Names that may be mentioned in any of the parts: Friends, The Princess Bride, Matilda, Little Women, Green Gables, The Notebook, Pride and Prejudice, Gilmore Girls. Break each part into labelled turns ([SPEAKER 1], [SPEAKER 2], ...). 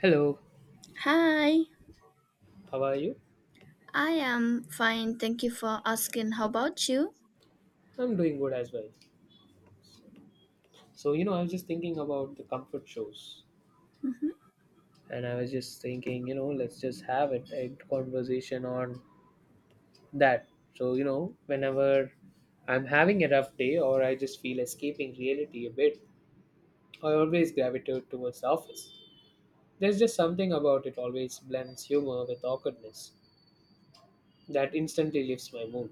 [SPEAKER 1] Hello,
[SPEAKER 2] Hi,
[SPEAKER 1] how are you?
[SPEAKER 2] I am fine. Thank you for asking. How about you?
[SPEAKER 1] I'm doing good as well. So, I was just thinking about the comfort shows,
[SPEAKER 2] Mhm.
[SPEAKER 1] and I was just thinking, let's just have it a conversation on that. So, whenever I'm having a rough day or I just feel escaping reality a bit, I always gravitate towards the office. There's just something about it always blends humor with awkwardness that instantly lifts my mood.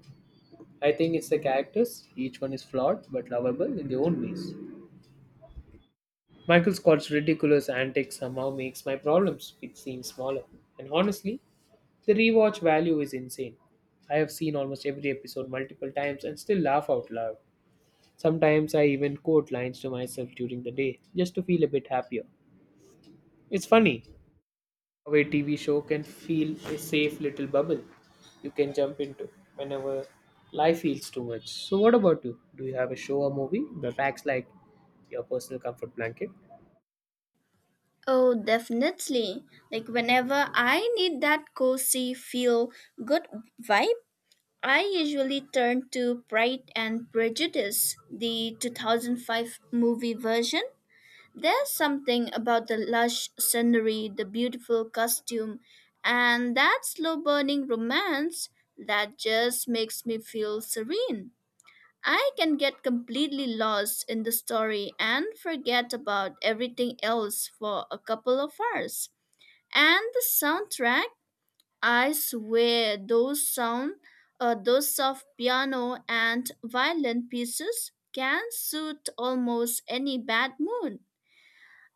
[SPEAKER 1] I think it's the characters, each one is flawed but lovable in their own ways. Michael Scott's ridiculous antics somehow makes my problems seem smaller. And honestly, the rewatch value is insane. I have seen almost every episode multiple times and still laugh out loud. Sometimes I even quote lines to myself during the day just to feel a bit happier. It's funny how a TV show can feel a safe little bubble you can jump into whenever life feels too much. So, what about you? Do you have a show or movie that acts like your personal comfort blanket?
[SPEAKER 2] Oh, definitely. Like, whenever I need that cozy, feel good vibe, I usually turn to Pride and Prejudice, the 2005 movie version. There's something about the lush scenery, the beautiful costume, and that slow burning romance that just makes me feel serene. I can get completely lost in the story and forget about everything else for a couple of hours. And the soundtrack, I swear those sound those soft piano and violin pieces can suit almost any bad mood.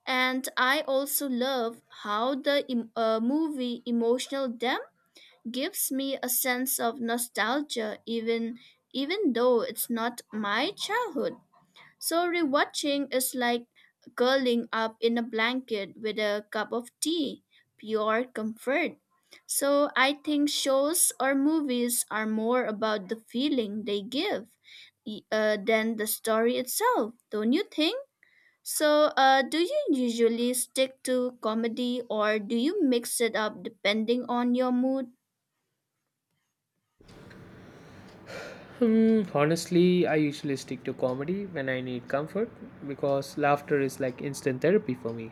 [SPEAKER 2] And I also love how the movie emotional depth gives me a sense of nostalgia even though it's not my childhood. So rewatching is like curling up in a blanket with a cup of tea, pure comfort. So I think shows or movies are more about the feeling they give than the story itself, don't you think? So, do you usually stick to comedy or do you mix it up depending on your mood?
[SPEAKER 1] Hmm, honestly, I usually stick to comedy when I need comfort because laughter is like instant therapy for me.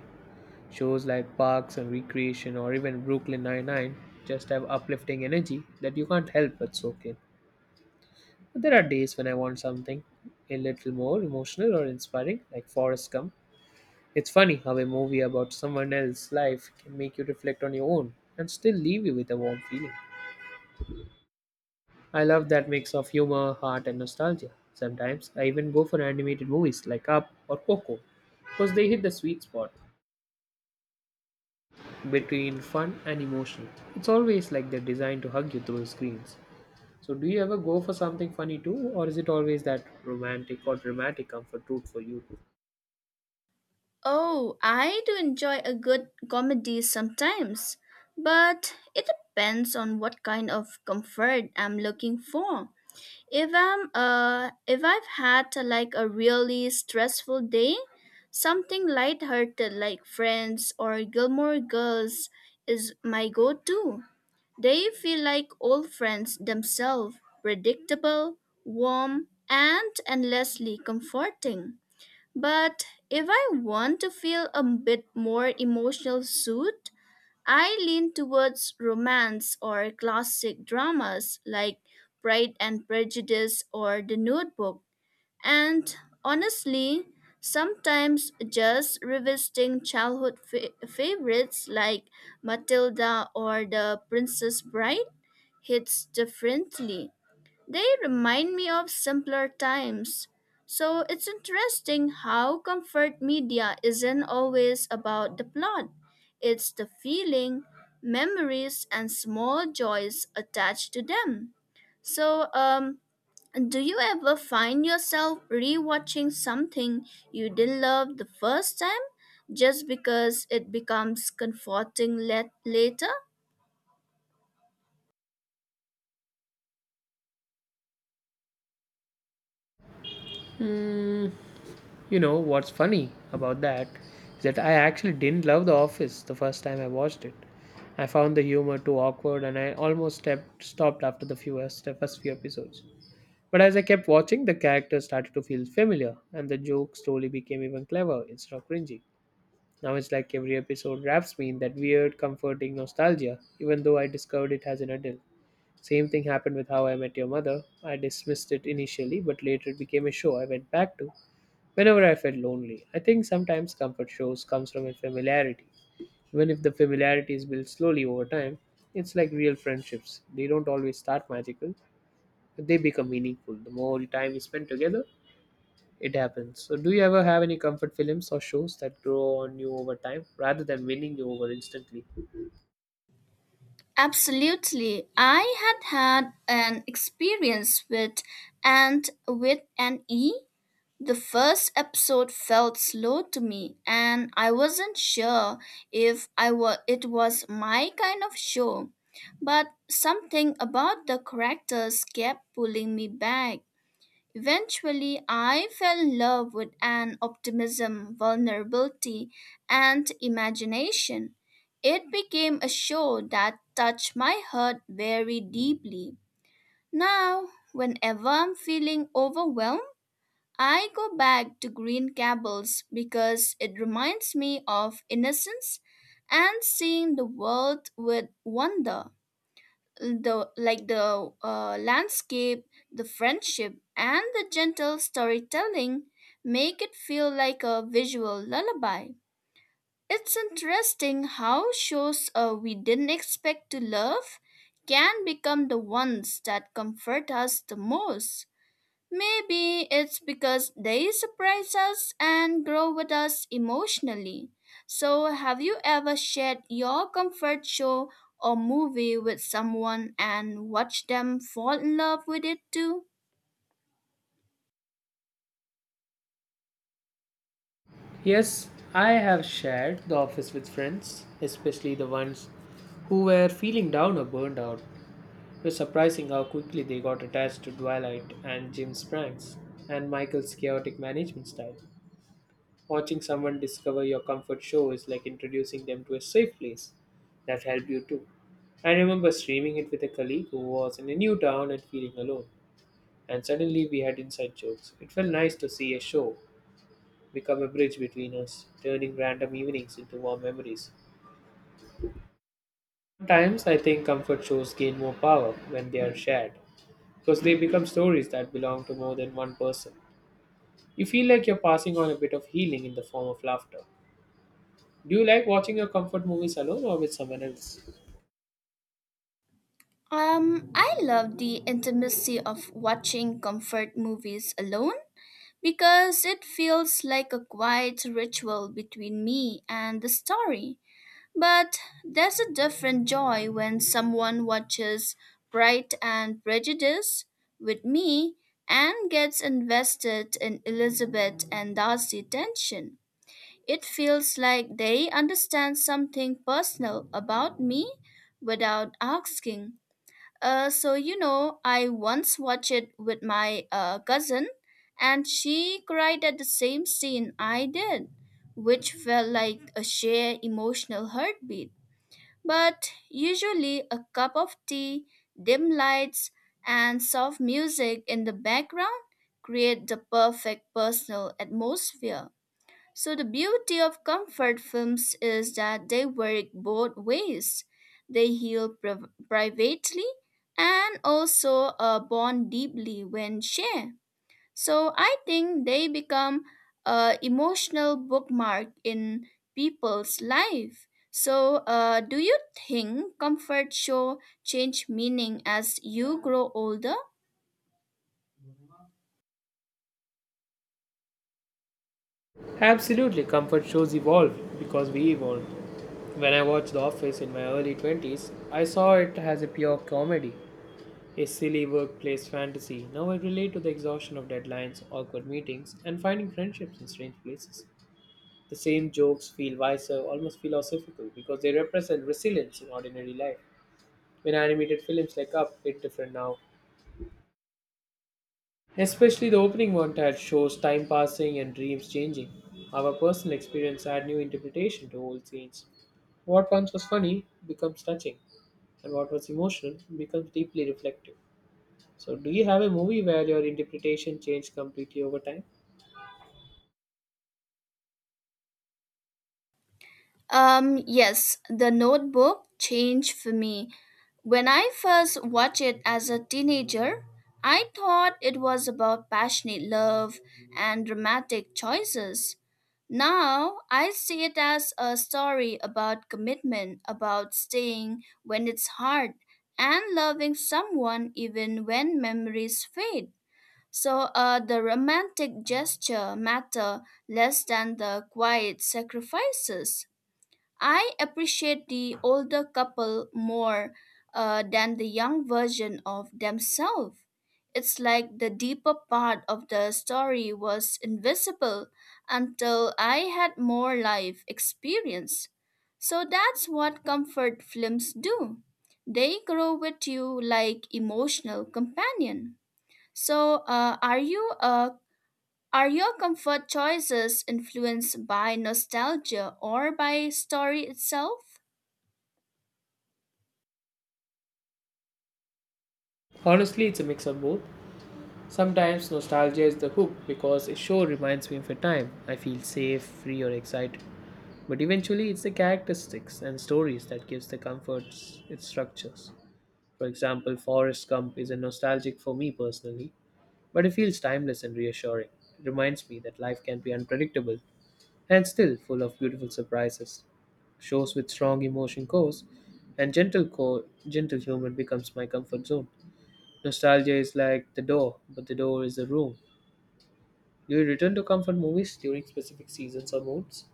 [SPEAKER 1] Shows like Parks and Recreation or even Brooklyn Nine-Nine just have uplifting energy that you can't help but soak in. But there are days when I want something a little more emotional or inspiring, like Forrest Gump. It's funny how a movie about someone else's life can make you reflect on your own and still leave you with a warm feeling. I love that mix of humor, heart, and nostalgia. Sometimes I even go for animated movies like Up or Coco because they hit the sweet spot between fun and emotion. It's always like they're designed to hug you through screens. So, do you ever go for something funny too, or is it always that romantic or dramatic comfort route for you too?
[SPEAKER 2] Oh, I do enjoy a good comedy sometimes, but it depends on what kind of comfort I'm looking for. If I've had like a really stressful day, something lighthearted like Friends or Gilmore Girls is my go-to. They feel like old friends themselves, predictable, warm, and endlessly comforting. But if I want to feel a bit more emotional suit, I lean towards romance or classic dramas like Pride and Prejudice or The Notebook. And honestly, sometimes just revisiting childhood favorites like Matilda or The Princess Bride hits differently. They remind me of simpler times. So it's interesting how comfort media isn't always about the plot. It's the feeling, memories, and small joys attached to them. So, do you ever find yourself rewatching something you didn't love the first time just because it becomes comforting later?
[SPEAKER 1] Hmm. You know what's funny about that is that I actually didn't love The Office the first time I watched it. I found the humor too awkward and I almost stepped, stopped after the few, the first few episodes. But as I kept watching, the characters started to feel familiar and the joke slowly became even clever instead of cringy. Now it's like every episode wraps me in that weird, comforting nostalgia, even though I discovered it as an adult. Same thing happened with How I Met Your Mother. I dismissed it initially, but later it became a show I went back to whenever I felt lonely. I think sometimes comfort shows comes from a familiarity. Even if the familiarity is built slowly over time, it's like real friendships. They don't always start magical, but they become meaningful. The more time you spend together, it happens. So, do you ever have any comfort films or shows that grow on you over time rather than winning you over instantly?
[SPEAKER 2] Absolutely. I had an experience with and with an E. The first episode felt slow to me and I wasn't sure if I were it was my kind of show. But something about the characters kept pulling me back. Eventually, I fell in love with an optimism, vulnerability, and imagination. It became a show that touched my heart very deeply. Now, whenever I'm feeling overwhelmed, I go back to Green Gables because it reminds me of innocence and seeing the world with wonder the landscape, the friendship, and the gentle storytelling make it feel like a visual lullaby. It's interesting how shows we didn't expect to love can become the ones that comfort us the most. Maybe it's because they surprise us and grow with us emotionally. So, have you ever shared your comfort show or movie with someone and watched them fall in love with it too?
[SPEAKER 1] Yes, I have shared the office with friends, especially the ones who were feeling down or burned out. It was surprising how quickly they got attached to Twilight and Jim's pranks and Michael's chaotic management style. Watching someone discover your comfort show is like introducing them to a safe place that helped you too. I remember streaming it with a colleague who was in a new town and feeling alone. And suddenly we had inside jokes. It felt nice to see a show become a bridge between us, turning random evenings into warm memories. Sometimes I think comfort shows gain more power when they are shared because they become stories that belong to more than one person. You feel like you're passing on a bit of healing in the form of laughter. Do you like watching your comfort movies alone or with someone else?
[SPEAKER 2] I love the intimacy of watching comfort movies alone because it feels like a quiet ritual between me and the story. But there's a different joy when someone watches Pride and Prejudice with me and gets invested in Elizabeth and Darcy tension. It feels like they understand something personal about me without asking. So, you know, I once watched it with my cousin, and she cried at the same scene I did, which felt like a shared emotional heartbeat. But usually a cup of tea, dim lights, and soft music in the background create the perfect personal atmosphere. So the beauty of comfort films is that they work both ways. They heal privately and also bond deeply when shared. So I think they become a emotional bookmark in people's life. So do you think comfort show change meaning as you grow older?
[SPEAKER 1] Absolutely, comfort shows evolve because we evolved. When I watched The Office in my early 20s, I saw it as a pure comedy, a silly workplace fantasy. Now I relate to the exhaustion of deadlines, awkward meetings, and finding friendships in strange places. The same jokes feel wiser, almost philosophical, because they represent resilience in ordinary life. When animated films like Up hit different now, especially the opening montage shows time passing and dreams changing. Our personal experience add new interpretation to old scenes. What once was funny becomes touching, and what was emotional becomes deeply reflective. So, do you have a movie where your interpretation changed completely over time?
[SPEAKER 2] Yes, the notebook changed for me. When I first watched it as a teenager, I thought it was about passionate love and dramatic choices. Now, I see it as a story about commitment, about staying when it's hard, and loving someone even when memories fade. So, the romantic gesture matter less than the quiet sacrifices. I appreciate the older couple more than the young version of themselves. It's like the deeper part of the story was invisible until I had more life experience. So that's what comfort films do. They grow with you like emotional companion. So, are your comfort choices influenced by nostalgia or by story itself?
[SPEAKER 1] Honestly, it's a mix of both. Sometimes nostalgia is the hook because a show reminds me of a time I feel safe, free, or excited. But eventually, it's the characteristics and stories that gives the comforts its structures. For example, Forrest Gump is a nostalgic for me personally, but it feels timeless and reassuring. It reminds me that life can be unpredictable and still full of beautiful surprises. Shows with strong emotion cores and gentle core, gentle humor becomes my comfort zone. Nostalgia is like the door, but the door is the room. Do you return to comfort movies during specific seasons or moods?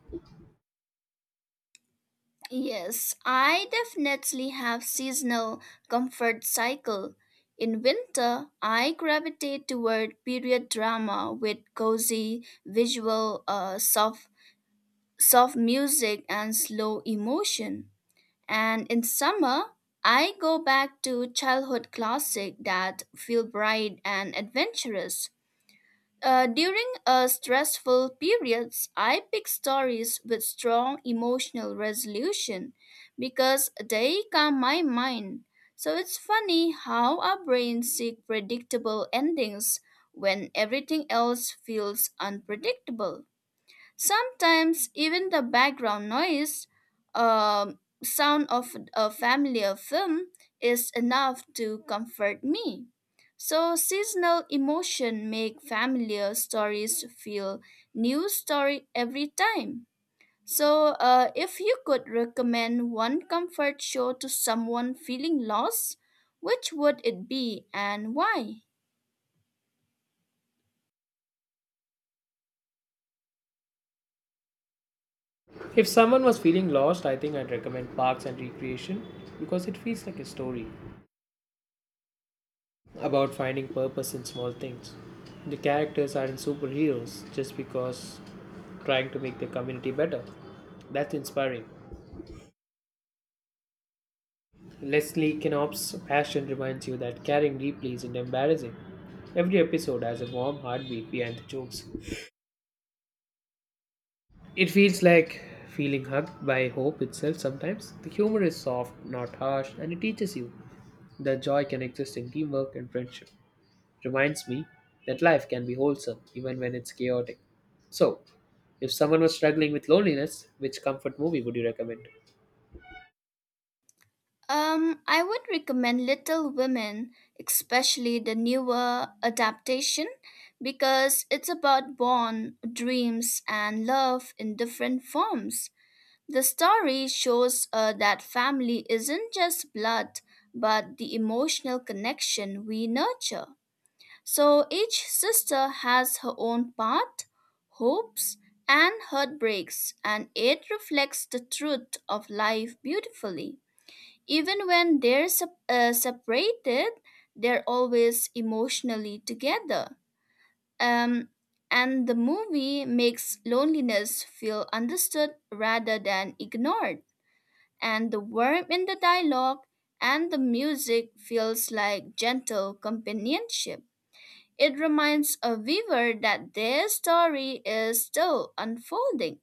[SPEAKER 2] Yes, I definitely have seasonal comfort cycle. In winter, I gravitate toward period drama with cozy visual, soft music and slow emotion. And in summer, I go back to childhood classic that feel bright and adventurous. During stressful periods, I pick stories with strong emotional resolution because they calm my mind. So it's funny how our brains seek predictable endings when everything else feels unpredictable. Sometimes even the background noise, sound of a familiar film, is enough to comfort me. So seasonal emotion make familiar stories feel new story every time. So if you could recommend one comfort show to someone feeling lost, which would it be and why?
[SPEAKER 1] If someone was feeling lost, I think I'd recommend Parks and Recreation because it feels like a story about finding purpose in small things. The characters aren't superheroes just because trying to make the community better. That's inspiring. Leslie Knopf's passion reminds you that caring deeply isn't embarrassing. Every episode has a warm heartbeat behind the jokes. It feels like feeling hugged by hope itself sometimes. The humor is soft, not harsh, and it teaches you the joy can exist in teamwork and friendship. Reminds me that life can be wholesome even when it's chaotic. So, if someone was struggling with loneliness, which comfort movie would you recommend?
[SPEAKER 2] I would recommend Little Women, especially the newer adaptation, because it's about bond, dreams, and love in different forms. The story shows that family isn't just blood, but the emotional connection we nurture. So each sister has her own path, hopes, and heartbreaks, and it reflects the truth of life beautifully. Even when they're separated, they're always emotionally together. Um, and the movie makes loneliness feel understood rather than ignored. And the warmth in the dialogue and the music feels like gentle companionship. It reminds a viewer that their story is still unfolding.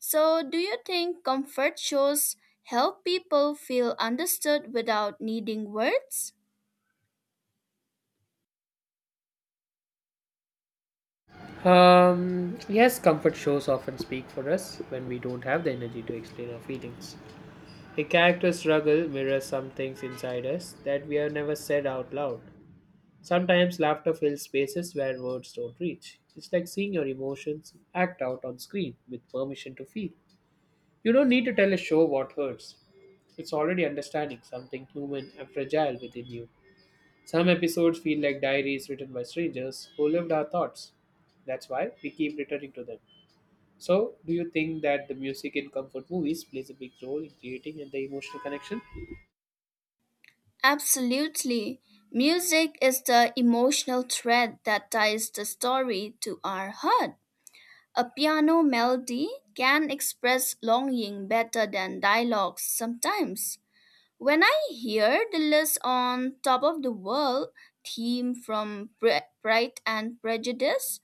[SPEAKER 2] So, do you think comfort shows help people feel understood without needing words?
[SPEAKER 1] Yes, comfort shows often speak for us when we don't have the energy to explain our feelings. A character's struggle mirrors some things inside us that we have never said out loud. Sometimes laughter fills spaces where words don't reach. It's like seeing your emotions act out on screen with permission to feel. You don't need to tell a show what hurts. It's already understanding something human and fragile within you. Some episodes feel like diaries written by strangers who lived our thoughts. That's why we keep returning to them. So, do you think that the music in comfort movies plays a big role in creating the emotional connection?
[SPEAKER 2] Absolutely. Music is the emotional thread that ties the story to our heart. A piano melody can express longing better than dialogues sometimes. When I hear the list on Top of the World theme from Pride and Prejudice,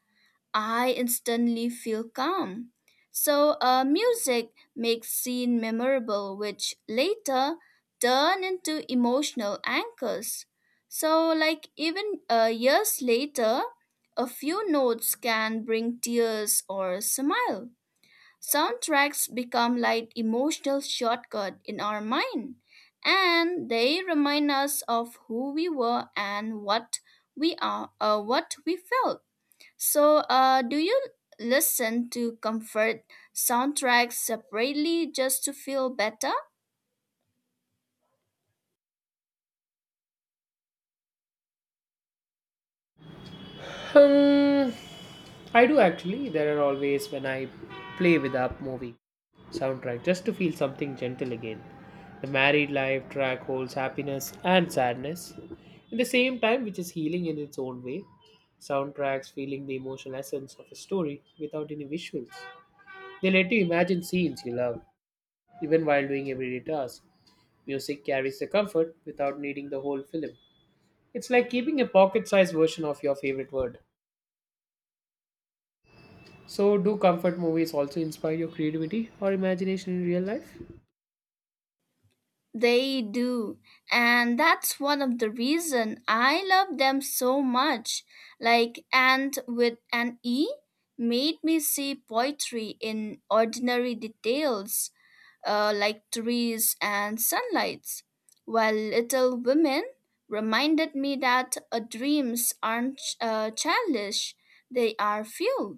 [SPEAKER 2] I instantly feel calm. So, music makes scene memorable, which later turn into emotional anchors. So, like even years later, a few notes can bring tears or a smile. Soundtracks become like emotional shortcut in our mind, and they remind us of who we were and what we are, what we felt. So, do you listen to comfort soundtracks separately just to feel better?
[SPEAKER 1] Hmm. I do actually. There are always when I play with up movie soundtrack just to feel something gentle again. The married life track holds happiness and sadness in the same time, which is healing in its own way. Soundtracks feeling the emotional essence of a story without any visuals. They let you imagine scenes you love, even while doing everyday tasks. Music carries the comfort without needing the whole film. It's like keeping a pocket sized version of your favorite word. So, do comfort movies also inspire your creativity or imagination in real life?
[SPEAKER 2] They do, and that's one of the reason I love them so much. Like "and" with an e made me see poetry in ordinary details, like trees and sunlights. While Little Women reminded me that dreams aren't childish; they are fuel.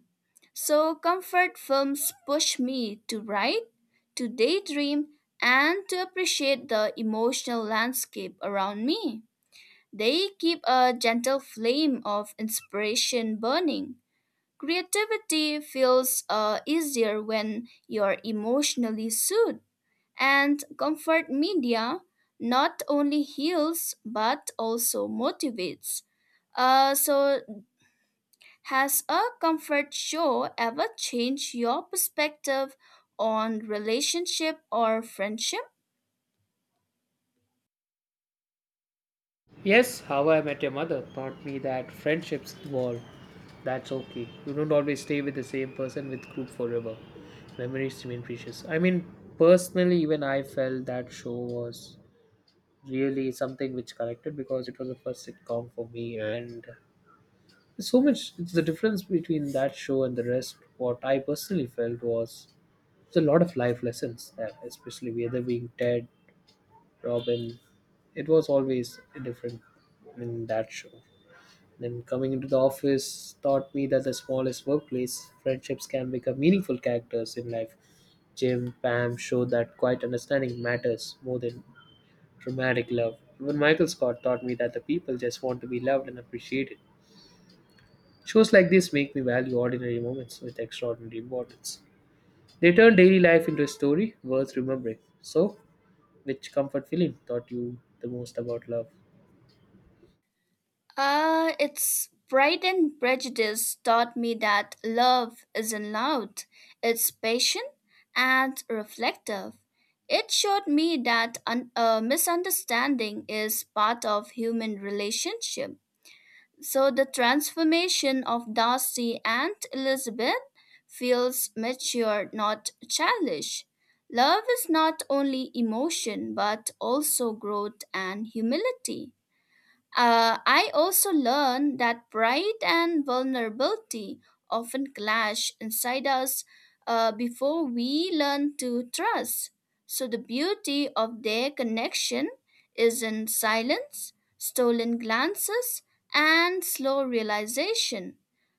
[SPEAKER 2] So, comfort films push me to write, to daydream, and to appreciate the emotional landscape around me. They keep a gentle flame of inspiration burning. Creativity feels easier when you're emotionally soothed, and comfort media not only heals but also motivates. So has a comfort show ever changed your perspective on relationship or friendship?
[SPEAKER 1] Yes, How I Met Your Mother taught me that friendships evolve. That's okay. You don't always stay with the same person with group forever. Memories remain precious. I mean, personally, even I felt that show was really something which connected because it was the first sitcom for me, and so much. It's the difference between that show and the rest. What I personally felt was there's a lot of life lessons there, especially whether being Ted Robin. It was always different in that show. Then coming into the office taught me that the smallest workplace, friendships can become meaningful characters in life. Jim, Pam showed that quiet understanding matters more than dramatic love. Even Michael Scott taught me that the people just want to be loved and appreciated. Shows like this make me value ordinary moments with extraordinary importance. They turn daily life into a story worth remembering. So, which comfort film taught you the most about love?
[SPEAKER 2] It's Pride and Prejudice taught me that love isn't loud, it's patient and reflective. It showed me that a misunderstanding is part of human relationship. So the transformation of Darcy and Elizabeth feels mature, not childish. Love is not only emotion, but also growth and humility. I also learned that pride and vulnerability often clash inside us before we learn to trust. So, the beauty of their connection is in silence, stolen glances, and slow realization.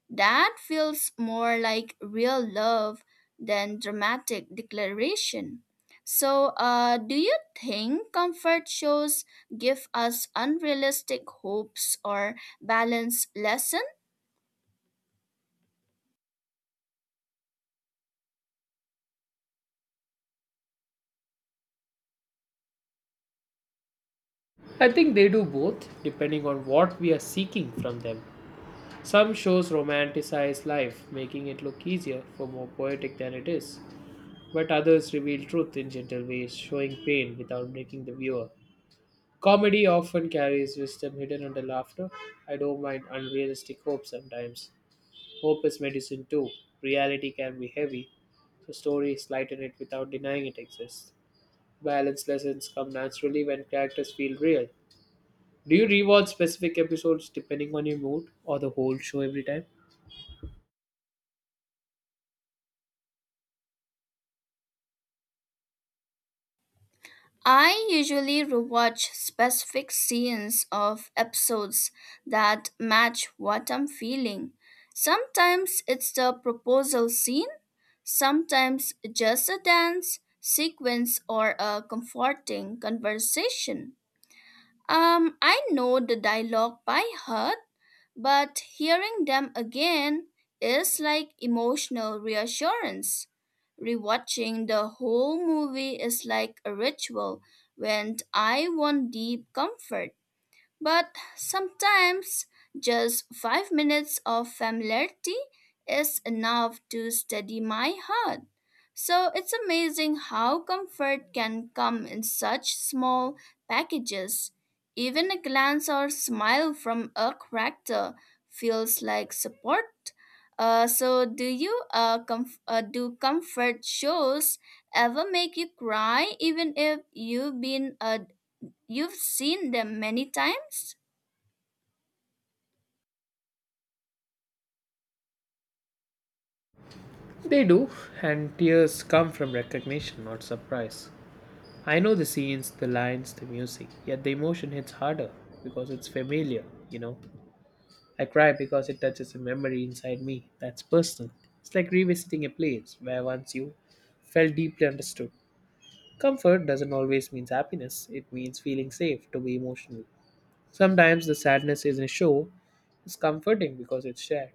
[SPEAKER 2] That feels more like real love than dramatic declaration. So, do you think comfort shows give us unrealistic hopes or balance lesson.
[SPEAKER 1] I think they do both, depending on what we are seeking from them. Some shows romanticize life, making it look easier for more poetic than it is, but others reveal truth in gentle ways, showing pain without breaking the viewer. Comedy often carries wisdom hidden under laughter. I don't mind unrealistic hope sometimes. Hope is medicine too. Reality can be heavy, so stories lighten it without denying it exists. Balanced lessons come naturally when characters feel real. Do you rewatch specific episodes depending on your mood or the whole show every time?
[SPEAKER 2] I usually rewatch specific scenes of episodes that match what I'm feeling. Sometimes it's the proposal scene, sometimes just a dance sequence or a comforting conversation. I know the dialogue by heart but hearing them again is like emotional reassurance. Rewatching the whole movie is like a ritual when I want deep comfort. But sometimes just 5 minutes of familiarity is enough to steady my heart. So it's amazing how comfort can come in such small packages. Even a glance or smile from a character feels like support. So do comfort shows ever make you cry even if you've seen them many times?
[SPEAKER 1] They do, and tears come from recognition, not surprise. I know the scenes, the lines, the music, yet the emotion hits harder because it's familiar. I cry because it touches a memory inside me that's personal. It's like revisiting a place where once you felt deeply understood. Comfort doesn't always mean happiness, it means feeling safe to be emotional. Sometimes the sadness in a show is comforting because it's shared.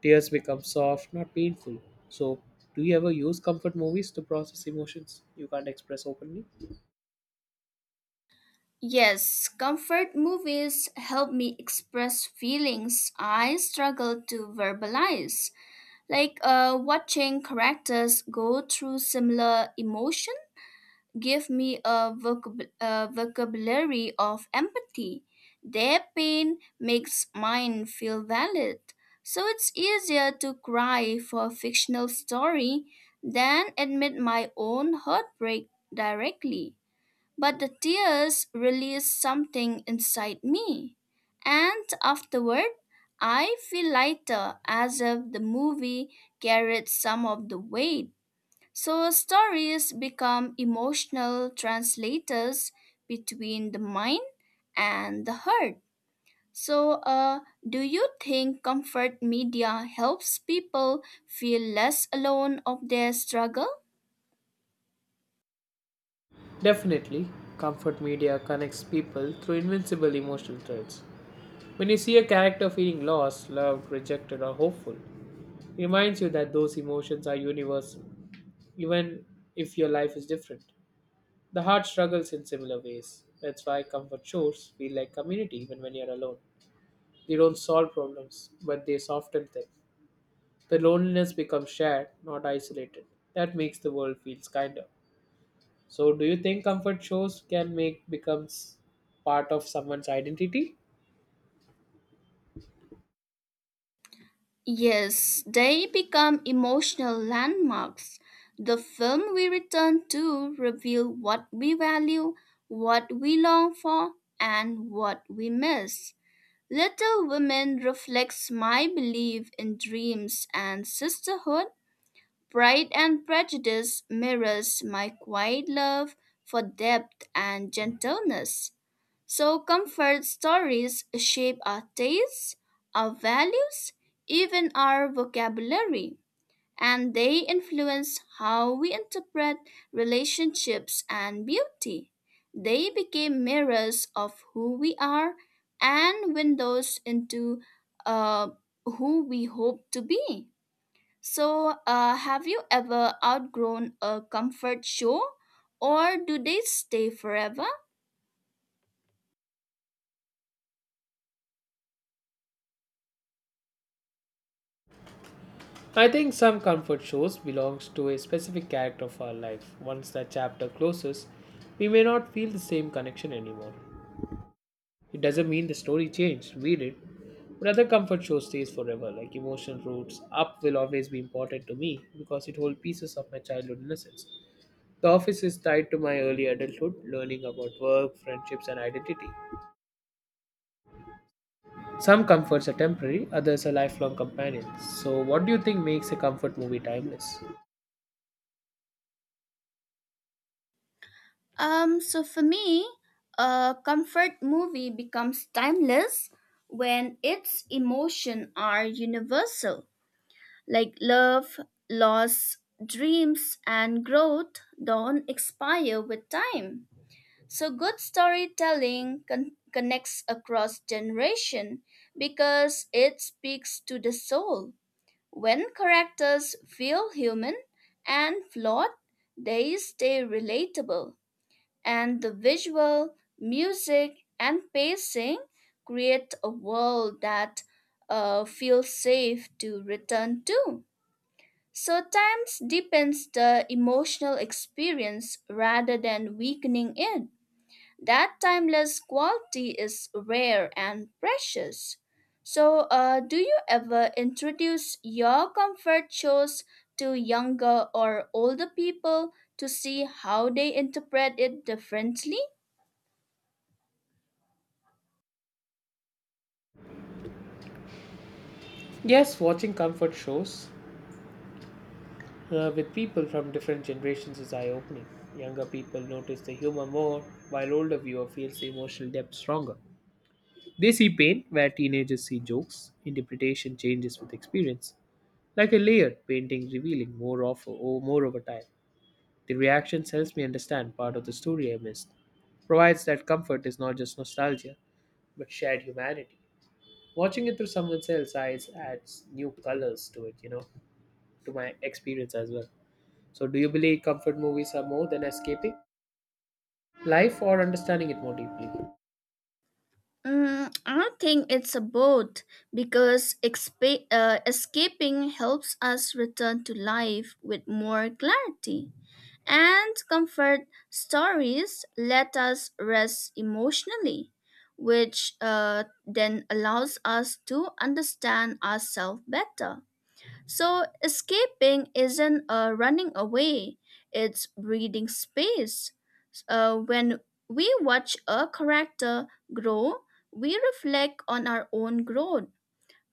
[SPEAKER 1] Tears become soft, not painful. So, do you ever use comfort movies to process emotions you can't express openly?
[SPEAKER 2] Yes, comfort movies help me express feelings I struggle to verbalize. Like watching characters go through similar emotion give me a vocabulary of empathy. Their pain makes mine feel valid. So it's easier to cry for a fictional story than admit my own heartbreak directly. But the tears released something inside me. And afterward, I feel lighter as if the movie carried some of the weight. So stories become emotional translators between the mind and the heart. So, do you think comfort media helps people feel less alone of their struggle?
[SPEAKER 1] Definitely, comfort media connects people through invincible emotional threads. When you see a character feeling lost, loved, rejected, or hopeful, it reminds you that those emotions are universal, even if your life is different. The heart struggles in similar ways. That's why comfort shows feel like community even when you're alone. They don't solve problems, but they soften them. The loneliness becomes shared, not isolated. That makes the world feels kinder. So, do you think comfort shows can make becomes part of someone's identity?
[SPEAKER 2] Yes, they become emotional landmarks. The film we return to reveal what we value, what we long for, and what we miss. Little Women reflects my belief in dreams and sisterhood. Pride and Prejudice mirrors my quiet love for depth and gentleness. So comfort stories shape our tastes, our values, even our vocabulary, and they influence how we interpret relationships and beauty. They became mirrors of who we are and windows into uh, who we hope to be. So, have you ever outgrown a comfort show, or do they stay forever?
[SPEAKER 1] I think some comfort shows belongs to a specific character of our life. Once that chapter closes, we may not feel the same connection anymore. It doesn't mean the story changed. We did. But other comfort shows stays forever, like emotional roots. Up will always be important to me because it holds pieces of my childhood innocence. The office is tied to my early adulthood, learning about work, friendships, and identity. Some comforts are temporary, others are lifelong companions. So, what do you think makes a comfort movie timeless?
[SPEAKER 2] So for me, a comfort movie becomes timeless when its emotion are universal, like love, loss, dreams, and growth don't expire with time. So good storytelling connects across generation because it speaks to the soul. When characters feel human and flawed, they stay relatable and the visual, music, and pacing create a world that feels safe to return to. So, times deepens the emotional experience rather than weakening it. That timeless quality is rare and precious. So, do you ever introduce your comfort shows to younger or older people to see how they interpret it differently?
[SPEAKER 1] Yes, watching comfort shows with people from different generations is eye opening. Younger people notice the humor more, while older viewer feels the emotional depth stronger. They see pain where teenagers see jokes. Interpretation changes with experience, like a layered painting revealing more, of, or more over time. The reactions helps me understand part of the story I missed, provides that comfort is not just nostalgia, but shared humanity. Watching it through someone else's eyes adds new colors to it, to my experience as well. So, do you believe comfort movies are more than escaping life or understanding it more deeply?
[SPEAKER 2] Mm, I think it's a both because escaping helps us return to life with more clarity, and comfort stories let us rest emotionally, which then allows us to understand ourselves better. So escaping isn't a running away, it's breathing space. When we watch a character grow, we reflect on our own growth.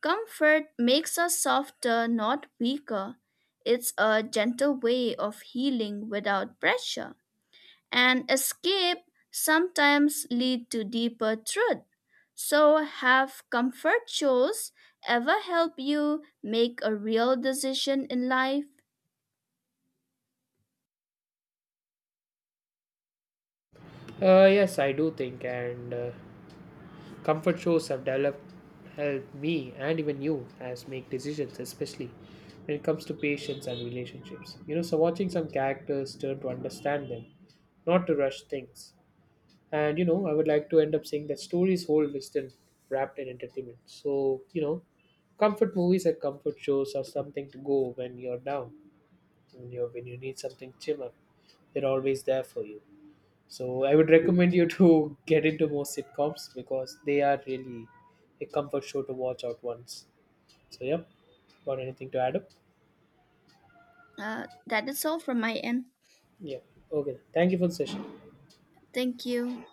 [SPEAKER 2] Comfort makes us softer, not weaker. It's a gentle way of healing without pressure and escape sometimes lead to deeper truth. So, have comfort shows ever help you make a real decision in life?
[SPEAKER 1] Yes, I do think, and comfort shows have developed help me and even you as make decisions, especially when it comes to patience and relationships. So watching some characters turn to understand them not to rush things. And I would like to end up saying that stories hold wisdom wrapped in entertainment. So, comfort movies and comfort shows are something to go when you're down, when you need something cheer up. They're always there for you. So I would recommend you to get into more sitcoms because they are really a comfort show to watch out once. So yeah, got anything to add up?
[SPEAKER 2] That is all from my end.
[SPEAKER 1] Yeah. Okay. Thank you for the session.
[SPEAKER 2] Thank you.